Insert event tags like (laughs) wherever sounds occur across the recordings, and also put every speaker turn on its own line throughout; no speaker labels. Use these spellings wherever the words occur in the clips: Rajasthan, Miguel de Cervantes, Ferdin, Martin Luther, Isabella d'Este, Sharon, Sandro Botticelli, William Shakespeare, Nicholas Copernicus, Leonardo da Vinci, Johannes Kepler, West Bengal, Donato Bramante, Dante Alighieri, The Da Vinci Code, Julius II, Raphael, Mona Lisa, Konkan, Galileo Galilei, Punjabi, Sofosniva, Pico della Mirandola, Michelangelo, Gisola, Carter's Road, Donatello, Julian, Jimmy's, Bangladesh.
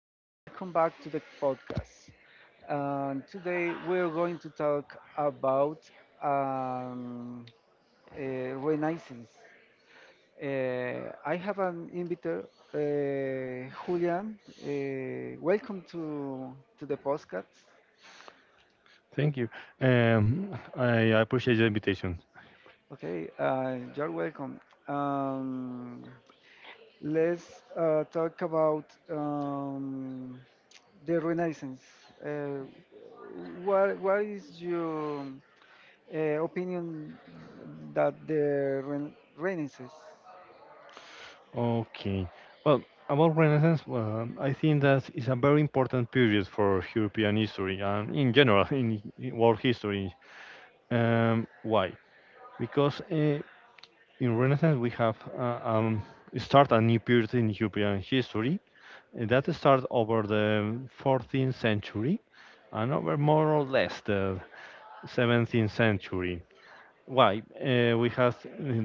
and welcome back to the podcast. And today we're going to talk about um, Renaissance. I have an inviter, Julian. Welcome to the podcast.
Thank you. I appreciate the invitation.
Okay, you're welcome. Um, let's talk about the Renaissance. Uh, what is your opinion that the Renaissance?
Okay. Well, about Renaissance, well, I think that is a very important period for European history and in general (laughs) in world history. Why? Because in Renaissance we have start a new period in European history, and that starts over the 14th century and over more or less the 17th century. Why? We have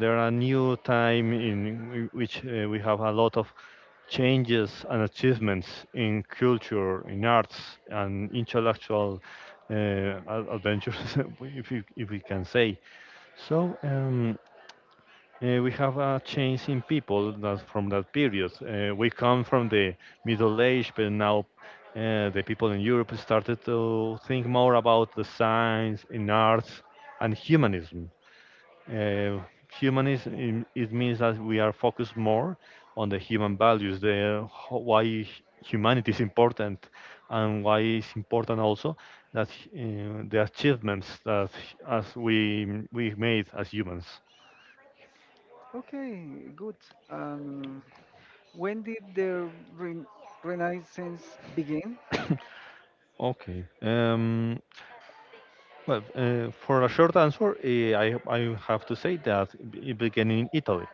there are new time in which we have a lot of changes and achievements in culture, in arts, and intellectual adventures, (laughs) if you, if we can say. So um, we have a change in people that from that period. We come from the Middle Age, but now. The people in Europe started to think more about the science, in arts, and uh, humanism. It means that we are focused more on the human values, the ho- why h- humanity is important, and why it's important also that the achievements that as we made as humans.
Okay, good. Um, when did the Ren- Renaissance begin?
Okay. For a short answer, I have to say that it began in Italy,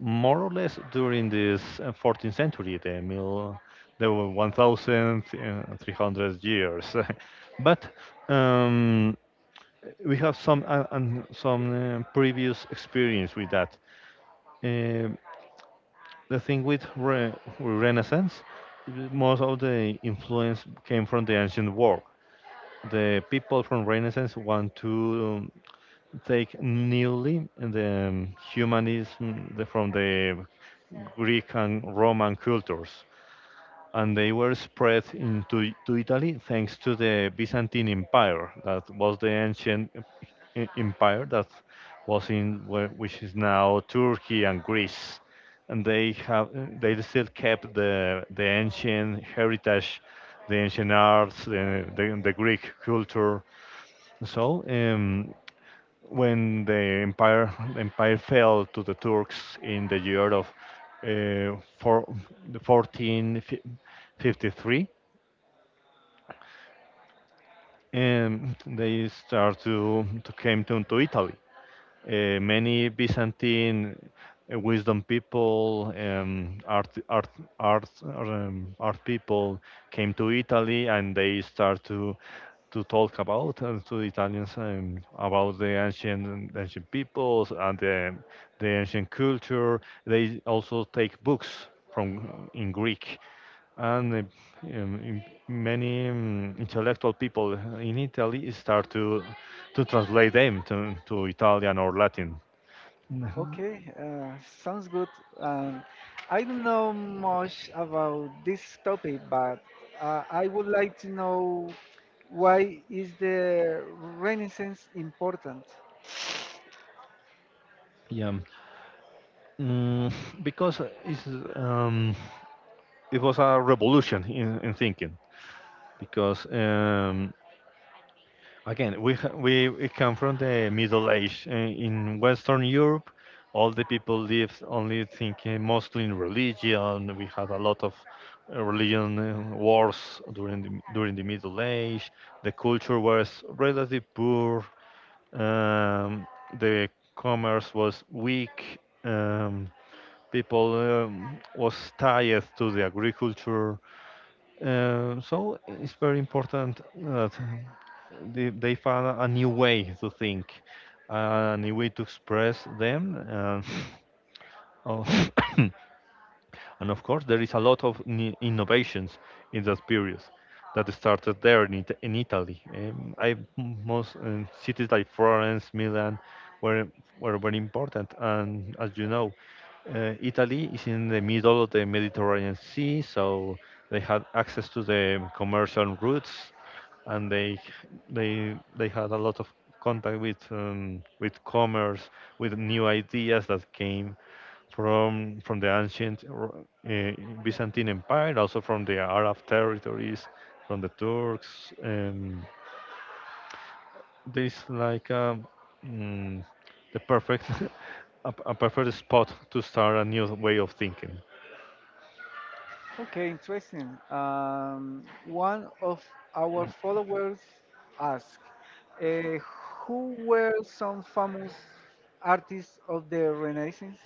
more or less during this 14th century. The mill, there were 1,300 years. (laughs) but um, we have some previous experience with that. Um, the thing with Renaissance, most of the influence came from the ancient world. The people from Renaissance want to take newly the humanism from the Greek and Roman cultures, and they were spread into to Italy thanks to the Byzantine Empire. That was the ancient empire that was in which is now Turkey and Greece, and they still kept the ancient heritage, the ancient arts, the Greek culture. So when the empire fell to the Turks in the year of uh, four, 1453, and they start to came to Italy. Many Byzantine wisdom people, art people came to Italy, and they start to talk about and to Italians about the ancient peoples and the ancient culture. They also take books from in Greek and many intellectual people in Italy start to translate them to Italian or Latin. (laughs) Mhm.
Okay, sounds good. Um, I don't know much about this topic, but I would like to know why is the Renaissance important?
Yeah, mm, because um, it was a revolution in thinking because again, we come from the Middle Age. In Western Europe, all the people live only thinking mostly in religion. We had a lot of religion wars during the Middle Age. The culture was relatively poor. Um, the commerce was weak. People was tied to the agriculture. So it's very important that they found a new way to think, a new way to express them, (coughs) oh, (coughs) and of course, there is a lot of innovations in that period that started there in, in Italy. I most cities like Florence, Milan were were very important. And as you know, Italy is in the middle of the Mediterranean Sea, so they had access to the commercial routes, and they had a lot of contact with commerce, with new ideas that came from the ancient Byzantine Empire, also from the Arab territories, from the Turks. There is like a, mm, the perfect (laughs) a perfect spot to start a new way of thinking.
Okay, interesting. One of our followers asked, uh, who were some famous artists of the Renaissance?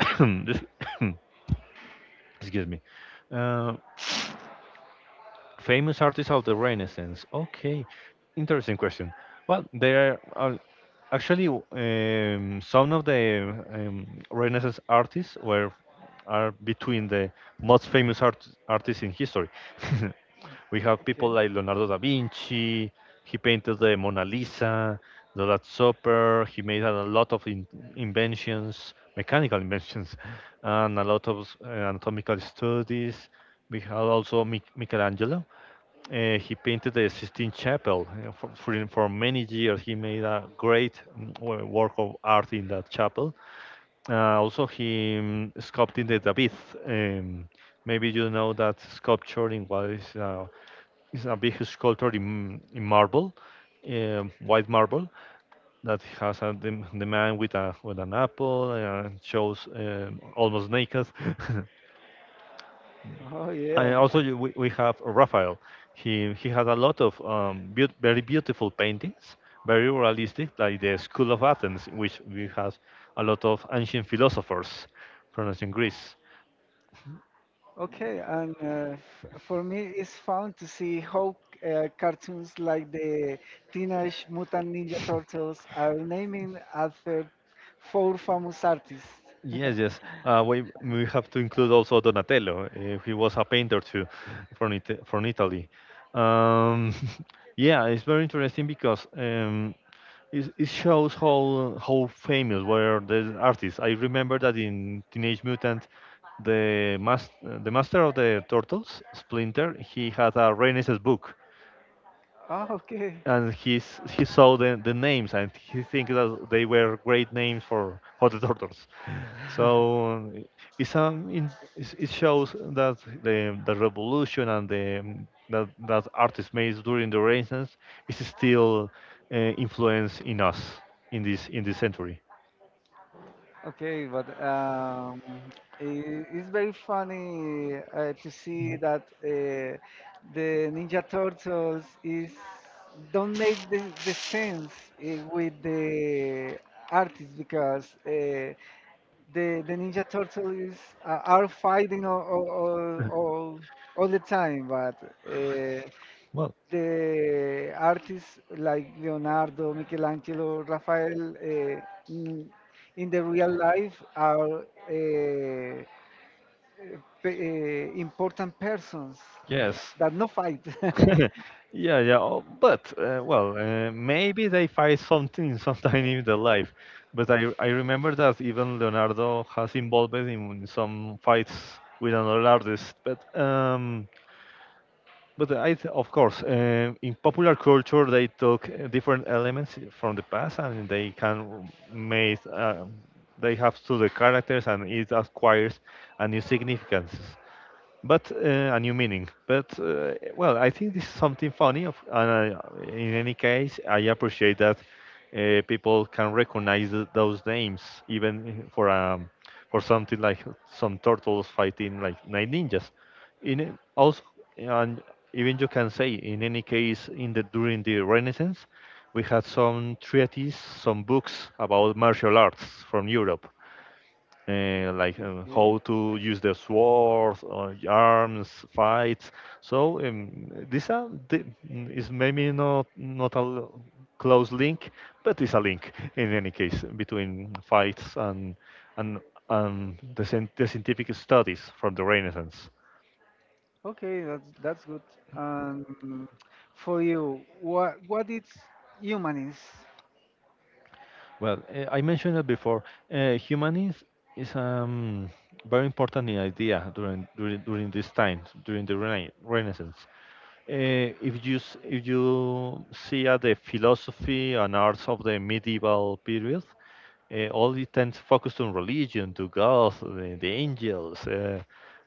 (coughs) This- (coughs) excuse me. Uh, famous artists of the Renaissance. Okay, interesting question. Well, there are Actually, w- some of the Renaissance artists were are between the most famous art, artists in history. (laughs) We have people
Okay.
like Leonardo da Vinci. He painted the Mona Lisa, the Last Supper. He made a lot of inventions, mechanical inventions, and a lot of anatomical studies. We have also Michelangelo. He painted the Sistine Chapel. For many years, he made a great work of art in that chapel. Also, he sculpted the David. Um, maybe you know that sculpture in what is a big sculpture in marble, white marble, that has a, the man with, a, with an apple and shows almost naked. (laughs)
Oh
And
yeah.
also we have Raphael. He had a lot of very beautiful paintings, very realistic, like the School of Athens, in which we have a lot of ancient philosophers from ancient Greece.
Okay, and for me, it's fun to see how cartoons like the Teenage Mutant Ninja Turtles are naming after four famous artists.
Yes,
(laughs)
yes. We have to include also Donatello. He was a painter too, from Italy. Um, (laughs) yeah, it's very interesting because it, it shows how famous were the artists. I remember that in Teenage Mutant, the master of the turtles, Splinter, he had a Renaissance book,
Oh, okay.
and he saw the names, and he thinks that they were great names for the turtles. so it's um in, it shows that the revolution and the that that artists made during the Renaissance is still influence in us in this century.
Okay, but it's very funny to see that the Ninja Turtles is don't make the sense with the artists because the the Ninja Turtle is are fighting all all, all,
(laughs)
all all the time, but uh,
Well,
the artists like Leonardo, Michelangelo, Raphael in, in the real life are pe- important persons
yes.
(laughs) that no fight. (laughs)
(laughs) Yeah, yeah. Maybe they find something (laughs) sometime in their life. But I remember that even Leonardo has involved in some fights with another artist. But I th of course in popular culture they took different elements from the past, and they can make they have to the characters, and it acquires a new significance, but a new meaning. But well, I think this is something funny. And I, in any case, I appreciate that people can recognize those names, even for something like some turtles fighting like nine ninjas. Also, and even you can say, in any case, in the during the Renaissance, we had some treatises, some books about martial arts from Europe how to use the sword or arms fights. Is maybe not a close link, but it's a link in any case between fights and and the scientific studies from the Renaissance.
Okay, that's good. Um, for you, what is humanist?
I mentioned it before. Uh, humanism is very important in idea during during during this time during the Renaissance. If you see at the philosophy and arts of the medieval period, all it tends focused on religion, to God, the angels.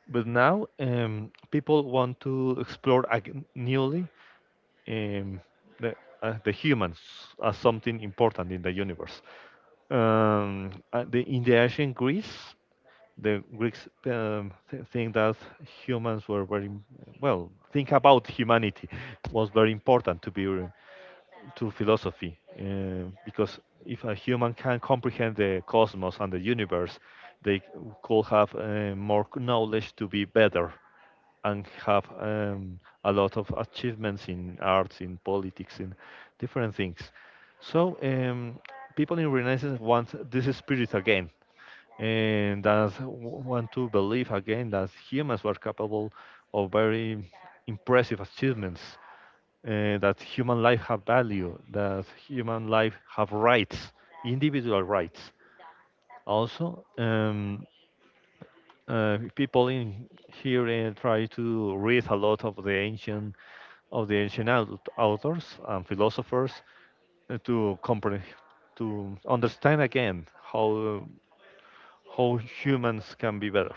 But now people want to explore newly um, the, the humans as something important in the universe. In the ancient Greece, the Greeks think that humans were very well. Think about humanity was very important to be to philosophy because if a human can comprehend the cosmos and the universe, they could have more knowledge to be better and have a lot of achievements in arts, in politics, in different things. So people in Renaissance want this spirit again, and that want to believe again that humans were capable of very impressive achievements, that human life have value, that human life have rights, individual rights. Also, people in here try to read a lot of the ancient authors and philosophers to comprehend to understand again how humans can be better.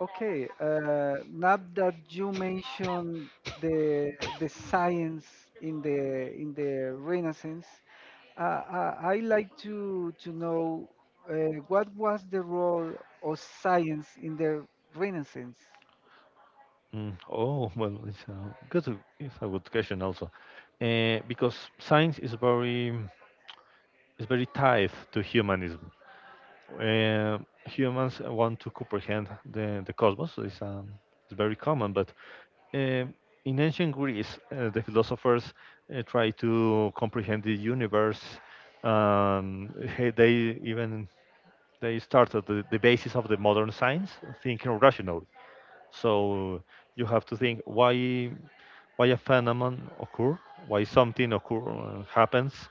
Okay, now that you mentioned the the science in the Renaissance, I like to know what was the role of science in the Renaissance.
Oh, (laughs) well, it's a good question also, because science is very tied to humanism. Uh, humans want to comprehend the cosmos. It's very common, but um in ancient Greece, the philosophers try to comprehend the universe. Hey, they even they started the basis of the modern science, thinking rationally. So you have to think why a phenomenon occur, why something occur happens,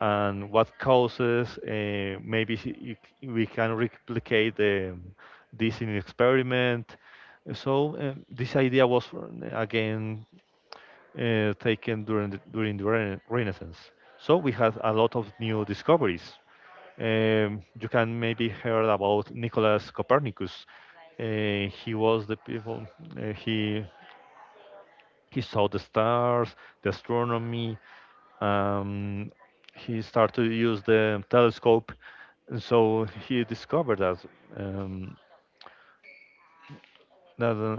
and what causes. Maybe we can replicate this in experiment. So this idea was again taken during during the Renaissance. So we had a lot of new discoveries. You can maybe heard about Nicholas Copernicus. He was the people. Uh, he he saw the stars, the astronomy, um, he started to use the telescope, and so he discovered that um, that uh,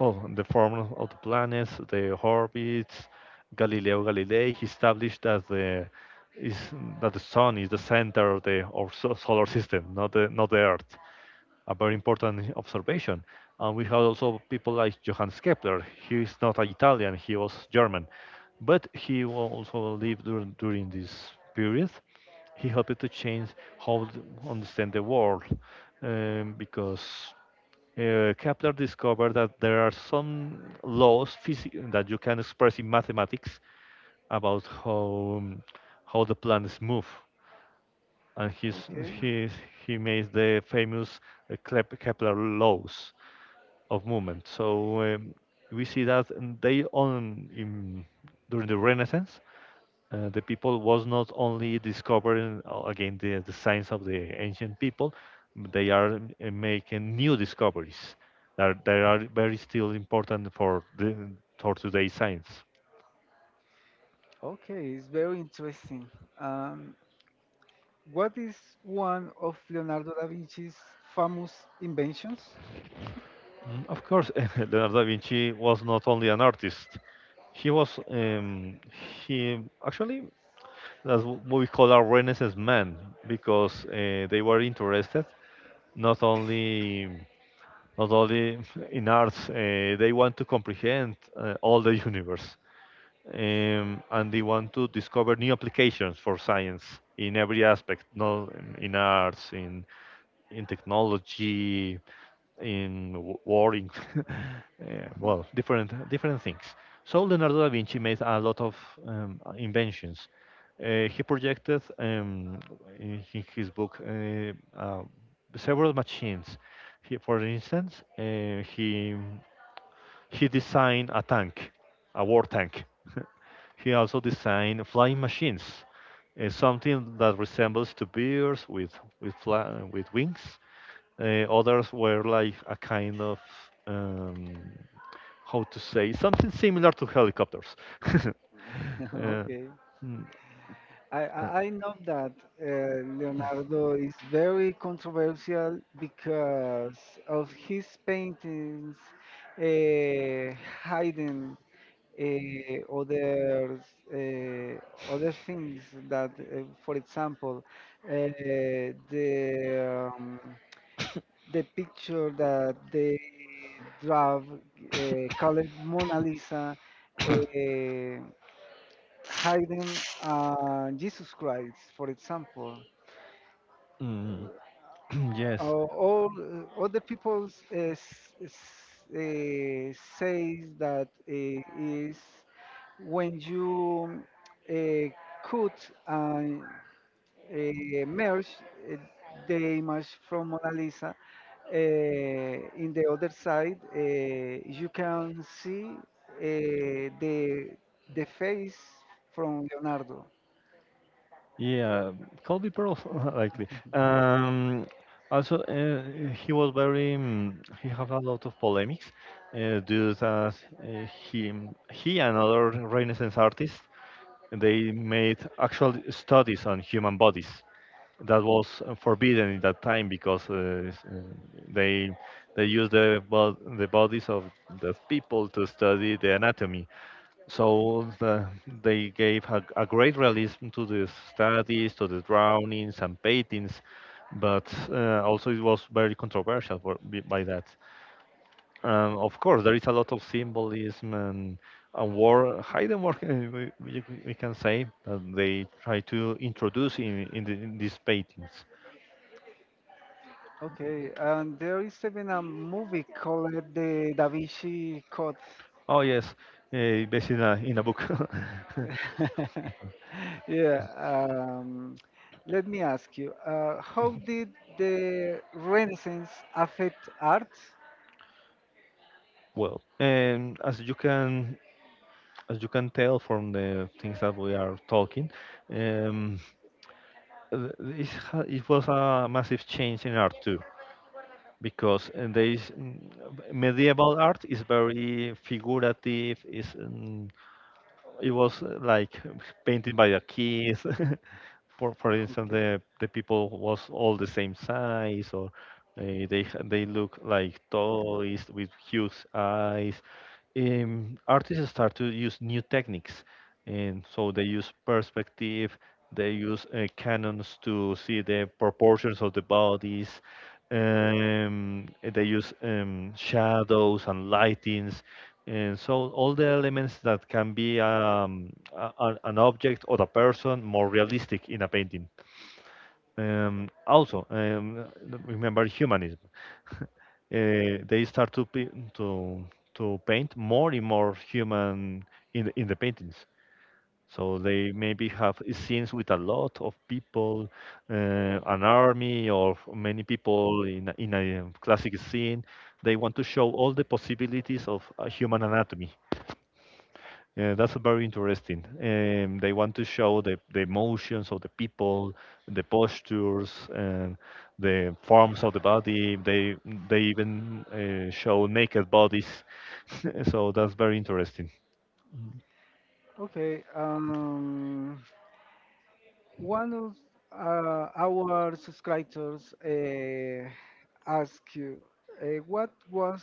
well, the form of the planets, the orbits. Galileo Galilei he established that the is that the sun is the center of the of solar system, not the Earth. A very important observation. And we have also people like Johannes Kepler. He is not Italian; he was German, but also lived during this period. He helped to change how to understand the world, because Kepler discovered that there are some laws that you can express in mathematics about how, the planets move, and
Okay,
he he made the famous Kepler laws of movement. So, we see that, during the Renaissance, the people was not only discovering, again, the science of the ancient people. They are, making new discoveries that are, very still important for the for today's science.
okay, it's very interesting. Um, What is one of Leonardo da Vinci's famous inventions?
Mm, of course, (laughs) Leonardo da Vinci was not only an artist. He was, he actually, that's what we call a Renaissance man, because they were interested not only, not only (laughs) in arts. They want to comprehend, all the (laughs) universe, and they want to discover new applications for science in every aspect, not in arts, in technology, in war, in (laughs)
Mhm.
well, different things. So Leonardo da Vinci made a lot of, inventions. He projected, in his book, uh, several machines. He, for instance, he designed a tank, a war tank. (laughs) He also designed flying machines, something that resembles to birds with, with wings. Others were like a kind of, um, how to say, something similar to helicopters. (laughs)
(laughs)
uh,
Okay. I,
mm, uh,
I I know that Leonardo is very controversial because of his paintings uh, hiding uh, other other things that, for example, uh, the um, the picture that they draw, called Mona Lisa, uh, hiding Jesus Christ, for example.
mm, (clears throat) yes.
All other people says that is when you uh, cut merge uh, the image from Mona Lisa. In the other side, you can see the the face from Leonardo.
Yeah, Colby Pearl, (laughs) likely. Um, also, he was very, he had a lot of polemics due to, he he and other Renaissance artists, they made actual studies on human bodies. That was, forbidden in that time, because they they used the bodies of the people to study the anatomy. So, they gave a, great realism to the studies, to the drownings and paintings, but, also it was very controversial for, by that. Of course, there is a lot of symbolism, and a war, hidden work, (laughs) we can say, that they try to introduce in these paintings.
Okay, and there is even a movie called The Da Vinci Code.
Oh, yes, based in a, book. (laughs)
(laughs) Yeah. Let me ask you, how did the Renaissance affect art?
Well, as you can, tell from the things that we are talking, um, it was a massive change in art too, because there is, medieval art is very figurative, is, it was, like painted by the kids. (laughs) For instance,
(laughs)
the people was all the same size, or
Okay.
uh, they look like toys with huge eyes. Artists start to use new techniques, and so they use perspective. They use, cannons to see the proportions of the bodies. They use, shadows and lightings. And so all the elements that can be, an object or a person, more realistic in a painting. Also, remember humanism. (laughs) uh, they start to pi- to paint more and more human in the paintings. So they maybe have scenes with a lot of people, an army or many people in a classic scene. They want to show all the possibilities of, human anatomy. That's very interesting. They want to show the emotions of the people, the postures, and the forms of the body. They even, show naked bodies. (laughs) So that's very interesting.
Okay, one of our subscribers asked you, what was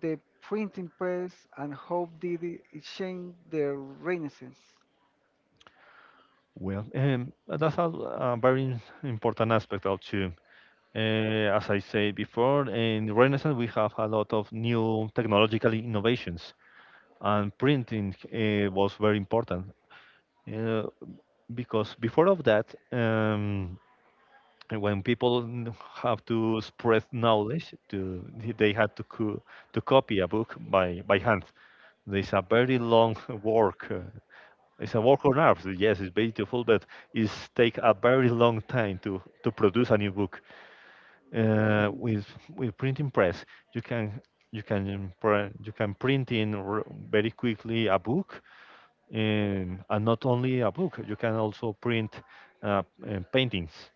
the printing press and how did it change the Renaissance?
Well, that's a, very important aspect of too. Uh, as I said before, in Renaissance we have a lot of new technological innovations, and printing, was very important, uh, because before of that, when people have to spread knowledge, to they had to copy a book by hand. There's a very long (laughs) work. It's a work on Earth. Yes, it's beautiful, but it's take a very long time to produce a new book.
(laughs)
With printing press, you can, print very quickly a book, and not only a book. You can also print, uh, paintings,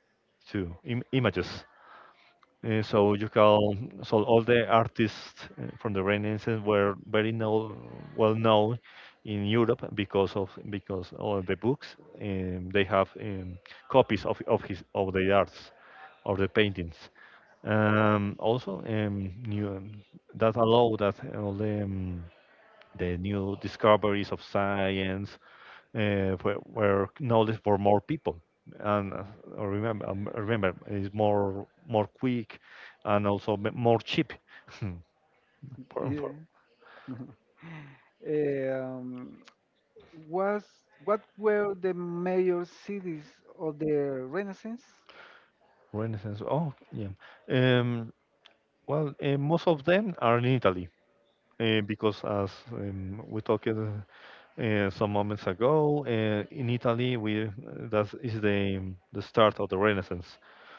too, images. So you can, so all the artists, from the Renaissance were very know, well known in Europe, because of because all the books, they have, copies of his of the arts of the paintings. Also, new, that allow that all the, the new discoveries of science, where knowledge for more people, and, I remember it's more quick, and also more cheap. (laughs) Hmm, for,
Yeah. Was what were the major cities of the Renaissance?
Renaissance. Oh yeah. Um, well, most of them are in Italy. Because as, we talked, some moments ago, in Italy, we that is the start of the Renaissance.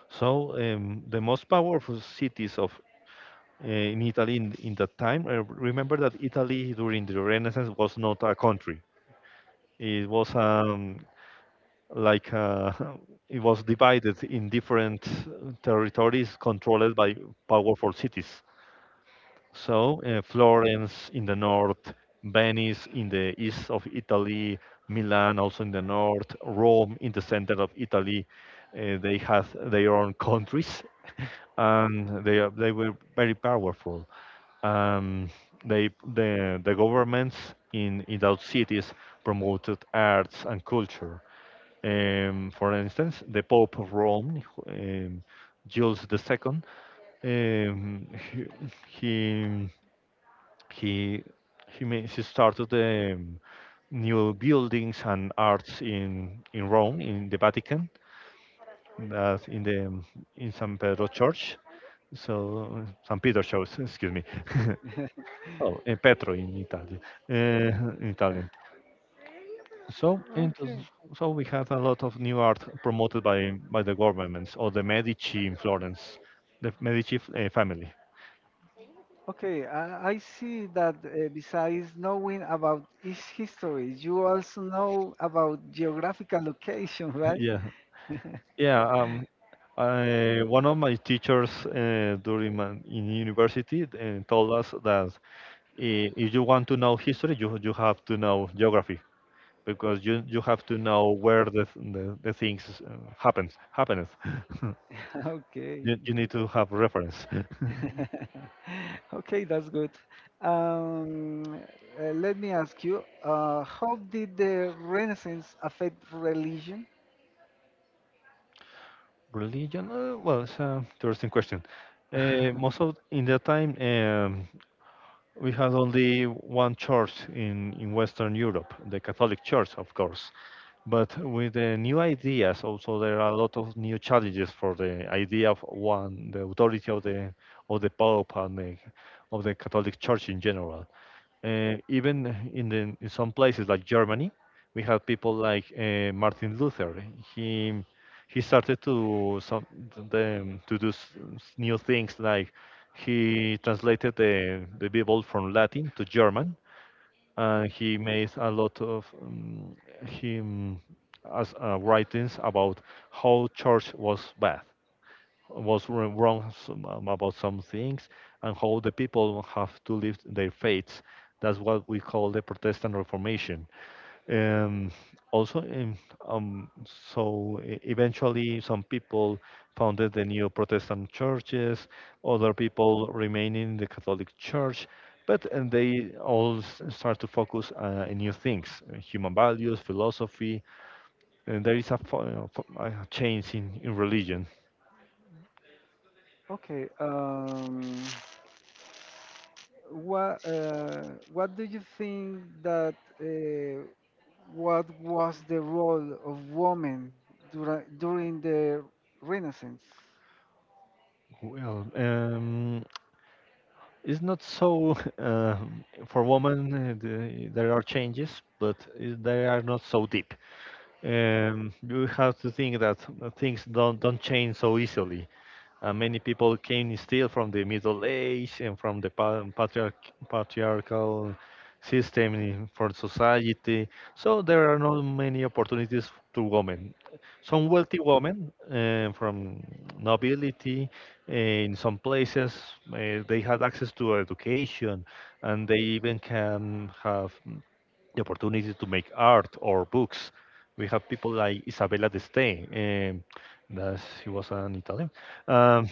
So, the most powerful cities of, in Italy in that time. Remember that Italy during the Renaissance was not a country. It was, like, (laughs) it was divided in different territories controlled by powerful cities. So, Florence in the north, Venice in the east of Italy, Milan also in the north, Rome in the center of Italy. They had their own countries, and they were very powerful. Um, the, governments in those cities promoted arts and culture. For instance, the Pope of Rome, Jules II, um, he he he he started, new buildings and arts in Rome, in the Vatican, that in San Pedro Church. So San Peter shows, excuse me. (laughs)
(laughs)
Oh, Petro in Italian. Uh, in Italian. So, and
Okay.
so we had a lot of new art promoted by the governments or the Medici in Florence, the Medici family.
Okay, I see that besides knowing about its history, you also know about geographical location,
(laughs)
right?
Yeah, yeah. One of my teachers, during in university, told us that, if you want to know history, you have to know geography, because you have to know where the things, happens. (laughs)
(laughs) Okay.
You need to have reference. (laughs)
(laughs) Okay, that's good. Um, let me ask you, how did the Renaissance affect religion?
Religion? Well, it's an interesting question. Most of in
(laughs)
that time, we had only one church in Western Europe, the Catholic Church, of course. But with the new ideas, also there are a lot of new challenges for the idea of one, the authority of the Pope, and of the Catholic Church in general. Even in some places like Germany, we have people like, Martin Luther. He he started, to do new things like, he translated the Bible from Latin to German, and he made a lot of, him as, writings about how church was bad, was wrong, about some things, and how the people have to live their faiths. That's what we call the Protestant Reformation. Um, also, in, so e- Eventually, some people founded the new Protestant churches, other people remained in the Catholic Church, but and they all start to focus, in new things, human values, philosophy, and there is a change in religion.
Okay, What uh, what do you think that what was the role of women during the Renaissance?
Well, it's not so, (laughs) for women. There are changes, but they are not so deep. You have to think that, things don't change so easily. Many people came still from the Middle Age, and from the patriarchal system for society. So there are not many opportunities to women. Some wealthy women, from nobility, in some places, they had access to education, and they even can have the opportunity to make art or books. We have people like Isabella d'Este, that she was an Italian. Um,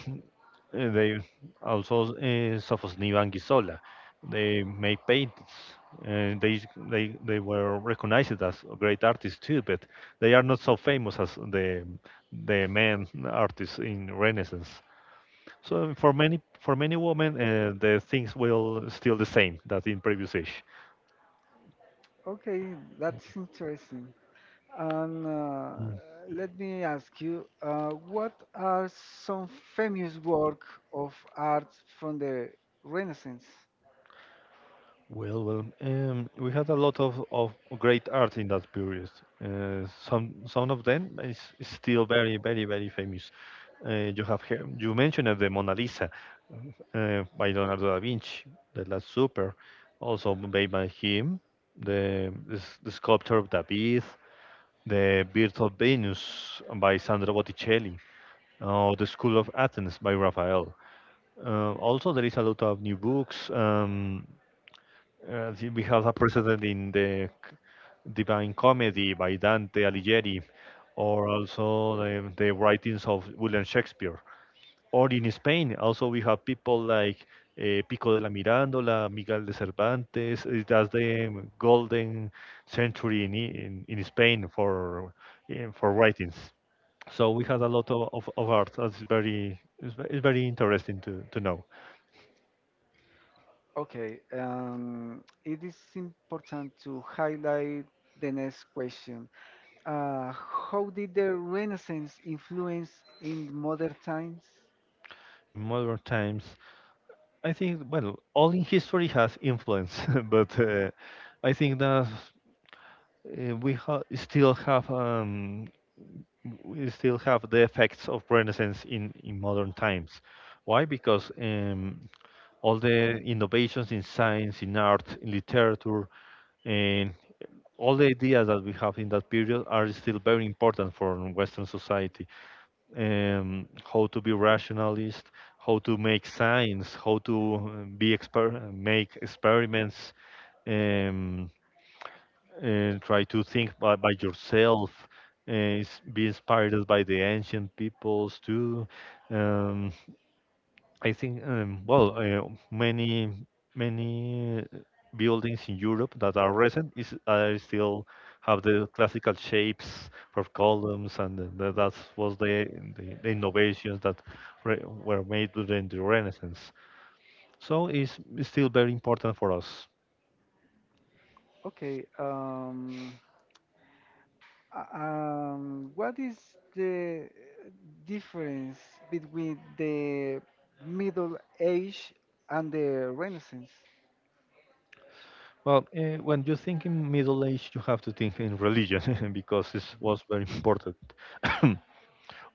and they, also, Sofosniva and Gisola. They made paintings, and they were recognized as great artists too. But they are not so famous as the men artists in Renaissance. So for many, women, the things will still the same that in previous age.
Okay, that's interesting. And let me ask you, what are some famous work of art from the Renaissance?
Well, we had a lot of great art in that period. Some of them is still very, very, very famous. You mentioned the Mona Lisa, by Leonardo da Vinci, the Last Supper, also made by him, the sculpture of David, the Birth of Venus by Sandro Botticelli, or the School of Athens by Raphael. Also, there is a lot of new books. See, we have a precedent in the Divine Comedy by Dante Alighieri, or also the writings of William Shakespeare. Or in Spain, also we have people like, Pico de la Mirandola, Miguel de Cervantes. That's the golden century in Spain for writings. So we had a lot of art. That's very it's, ve- it's very interesting to know.
Okay, it is important to highlight the next question. How did the Renaissance influence in modern times?
In modern times, I think, well, all in history has influence, (laughs) but I think that still have we still have the effects of Renaissance in modern times. Why? Because all the innovations in science, in art, in literature, and all the ideas that we have in that period are still very important for Western society, how to be rationalist, how to make science, how to make experiments, um, and try to think by yourself, be inspired by the ancient peoples too. Um, many many buildings in Europe that are recent is still have the classical shapes for columns, and that was the innovations that were made during the Renaissance. So it's still very important for us.
Okay. What is the difference between the Middle Age and the Renaissance?
When you think in Middle Age, you have to think in religion (laughs) because this was very important. (coughs)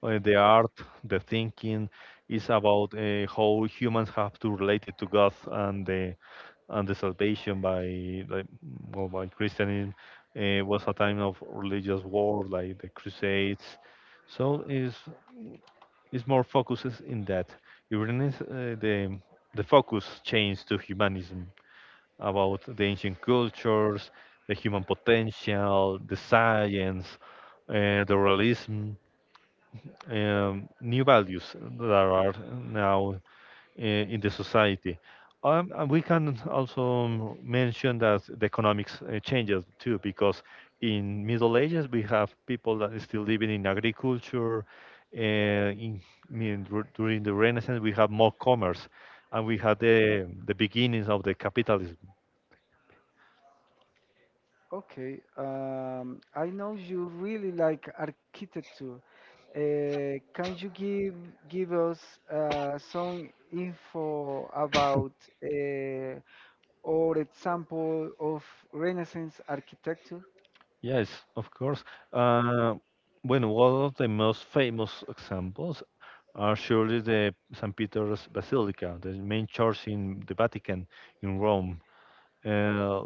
The art, the thinking is about how humans have to relate it to God and the salvation by like well by Christianism, was a time of religious war like the Crusades, so is more focuses in that. Even the focus changed to humanism, about the ancient cultures, the human potential, the science, the realism, new values that are now in the society. And we can also mention that the economics changes too, because in Middle Ages we have people that are still living in agriculture. Uh, in, I mean, during the Renaissance we have more commerce, and we had the beginnings of the capitalism.
Okay, I know you really like architecture. Can you give give us some info about, uh, or example of Renaissance architecture?
Yes, of course. Uh, Bueno, one of the most famous examples are surely the St. Peter's Basilica, the main church in the Vatican in Rome. Uh,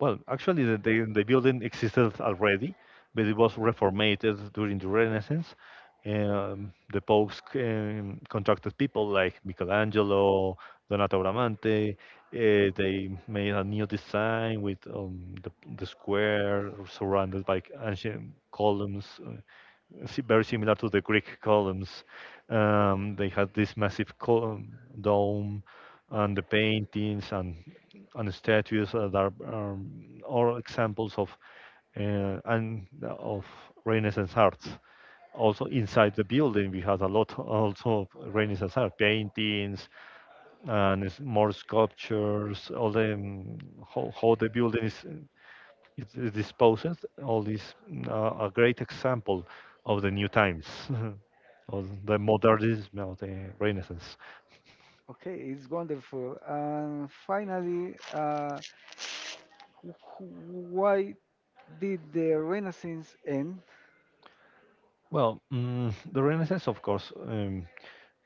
actually, the building existed already, but it was reformated during the Renaissance. The popes contracted people like Michelangelo, Donato Bramante. They made a new design with the square surrounded by ancient columns, very similar to the Greek columns. They had this massive dome and the paintings and statues that are all examples of and of Renaissance arts. Also inside the building, we had a lot also of Renaissance art, paintings and more sculptures. All the How the building is disposed. A great example of the new times, (laughs) of the modernism of the Renaissance.
Okay, it's wonderful. And finally, why did the Renaissance end?
The Renaissance, of course,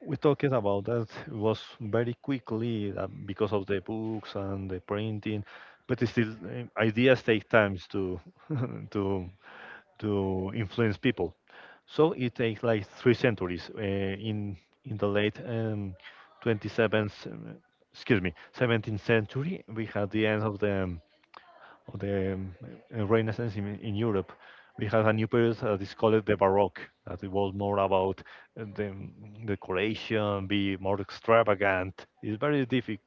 we talking about that was very quickly because of the books and the printing, but it's still ideas take times to (laughs) to to influence people. So it takes like three centuries. In the late 27th, excuse me, 17th century, we had the end of the Renaissance in Europe. We have a new period that is called the Baroque, that it more about decoration, be more extravagant. It's very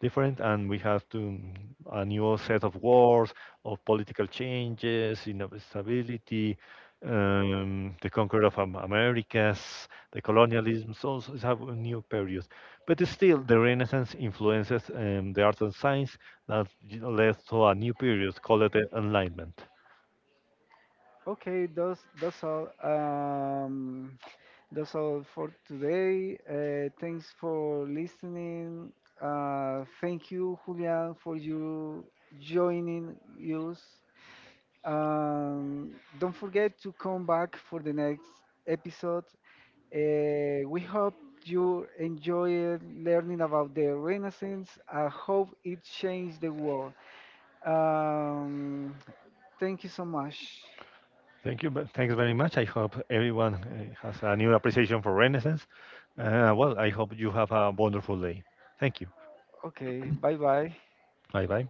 different, and we have a new set of wars, of political changes, instability, the conquer of Americas, the colonialism. So it's a new period, but still the Renaissance influences the arts and science that let to a new period, called the enlightenment.
Okay, that's all. That's all for today. Thanks for listening. Thank you, Julian, for you joining us. Um, don't forget to come back for the next episode. We hope you enjoyed learning about the Renaissance. I hope it changed the world. Um, thank you so much.
Thank you. Thanks very much. I hope everyone has a new appreciation for Renaissance. I hope you have a wonderful day. Thank you.
Okay, bye bye.
Bye bye.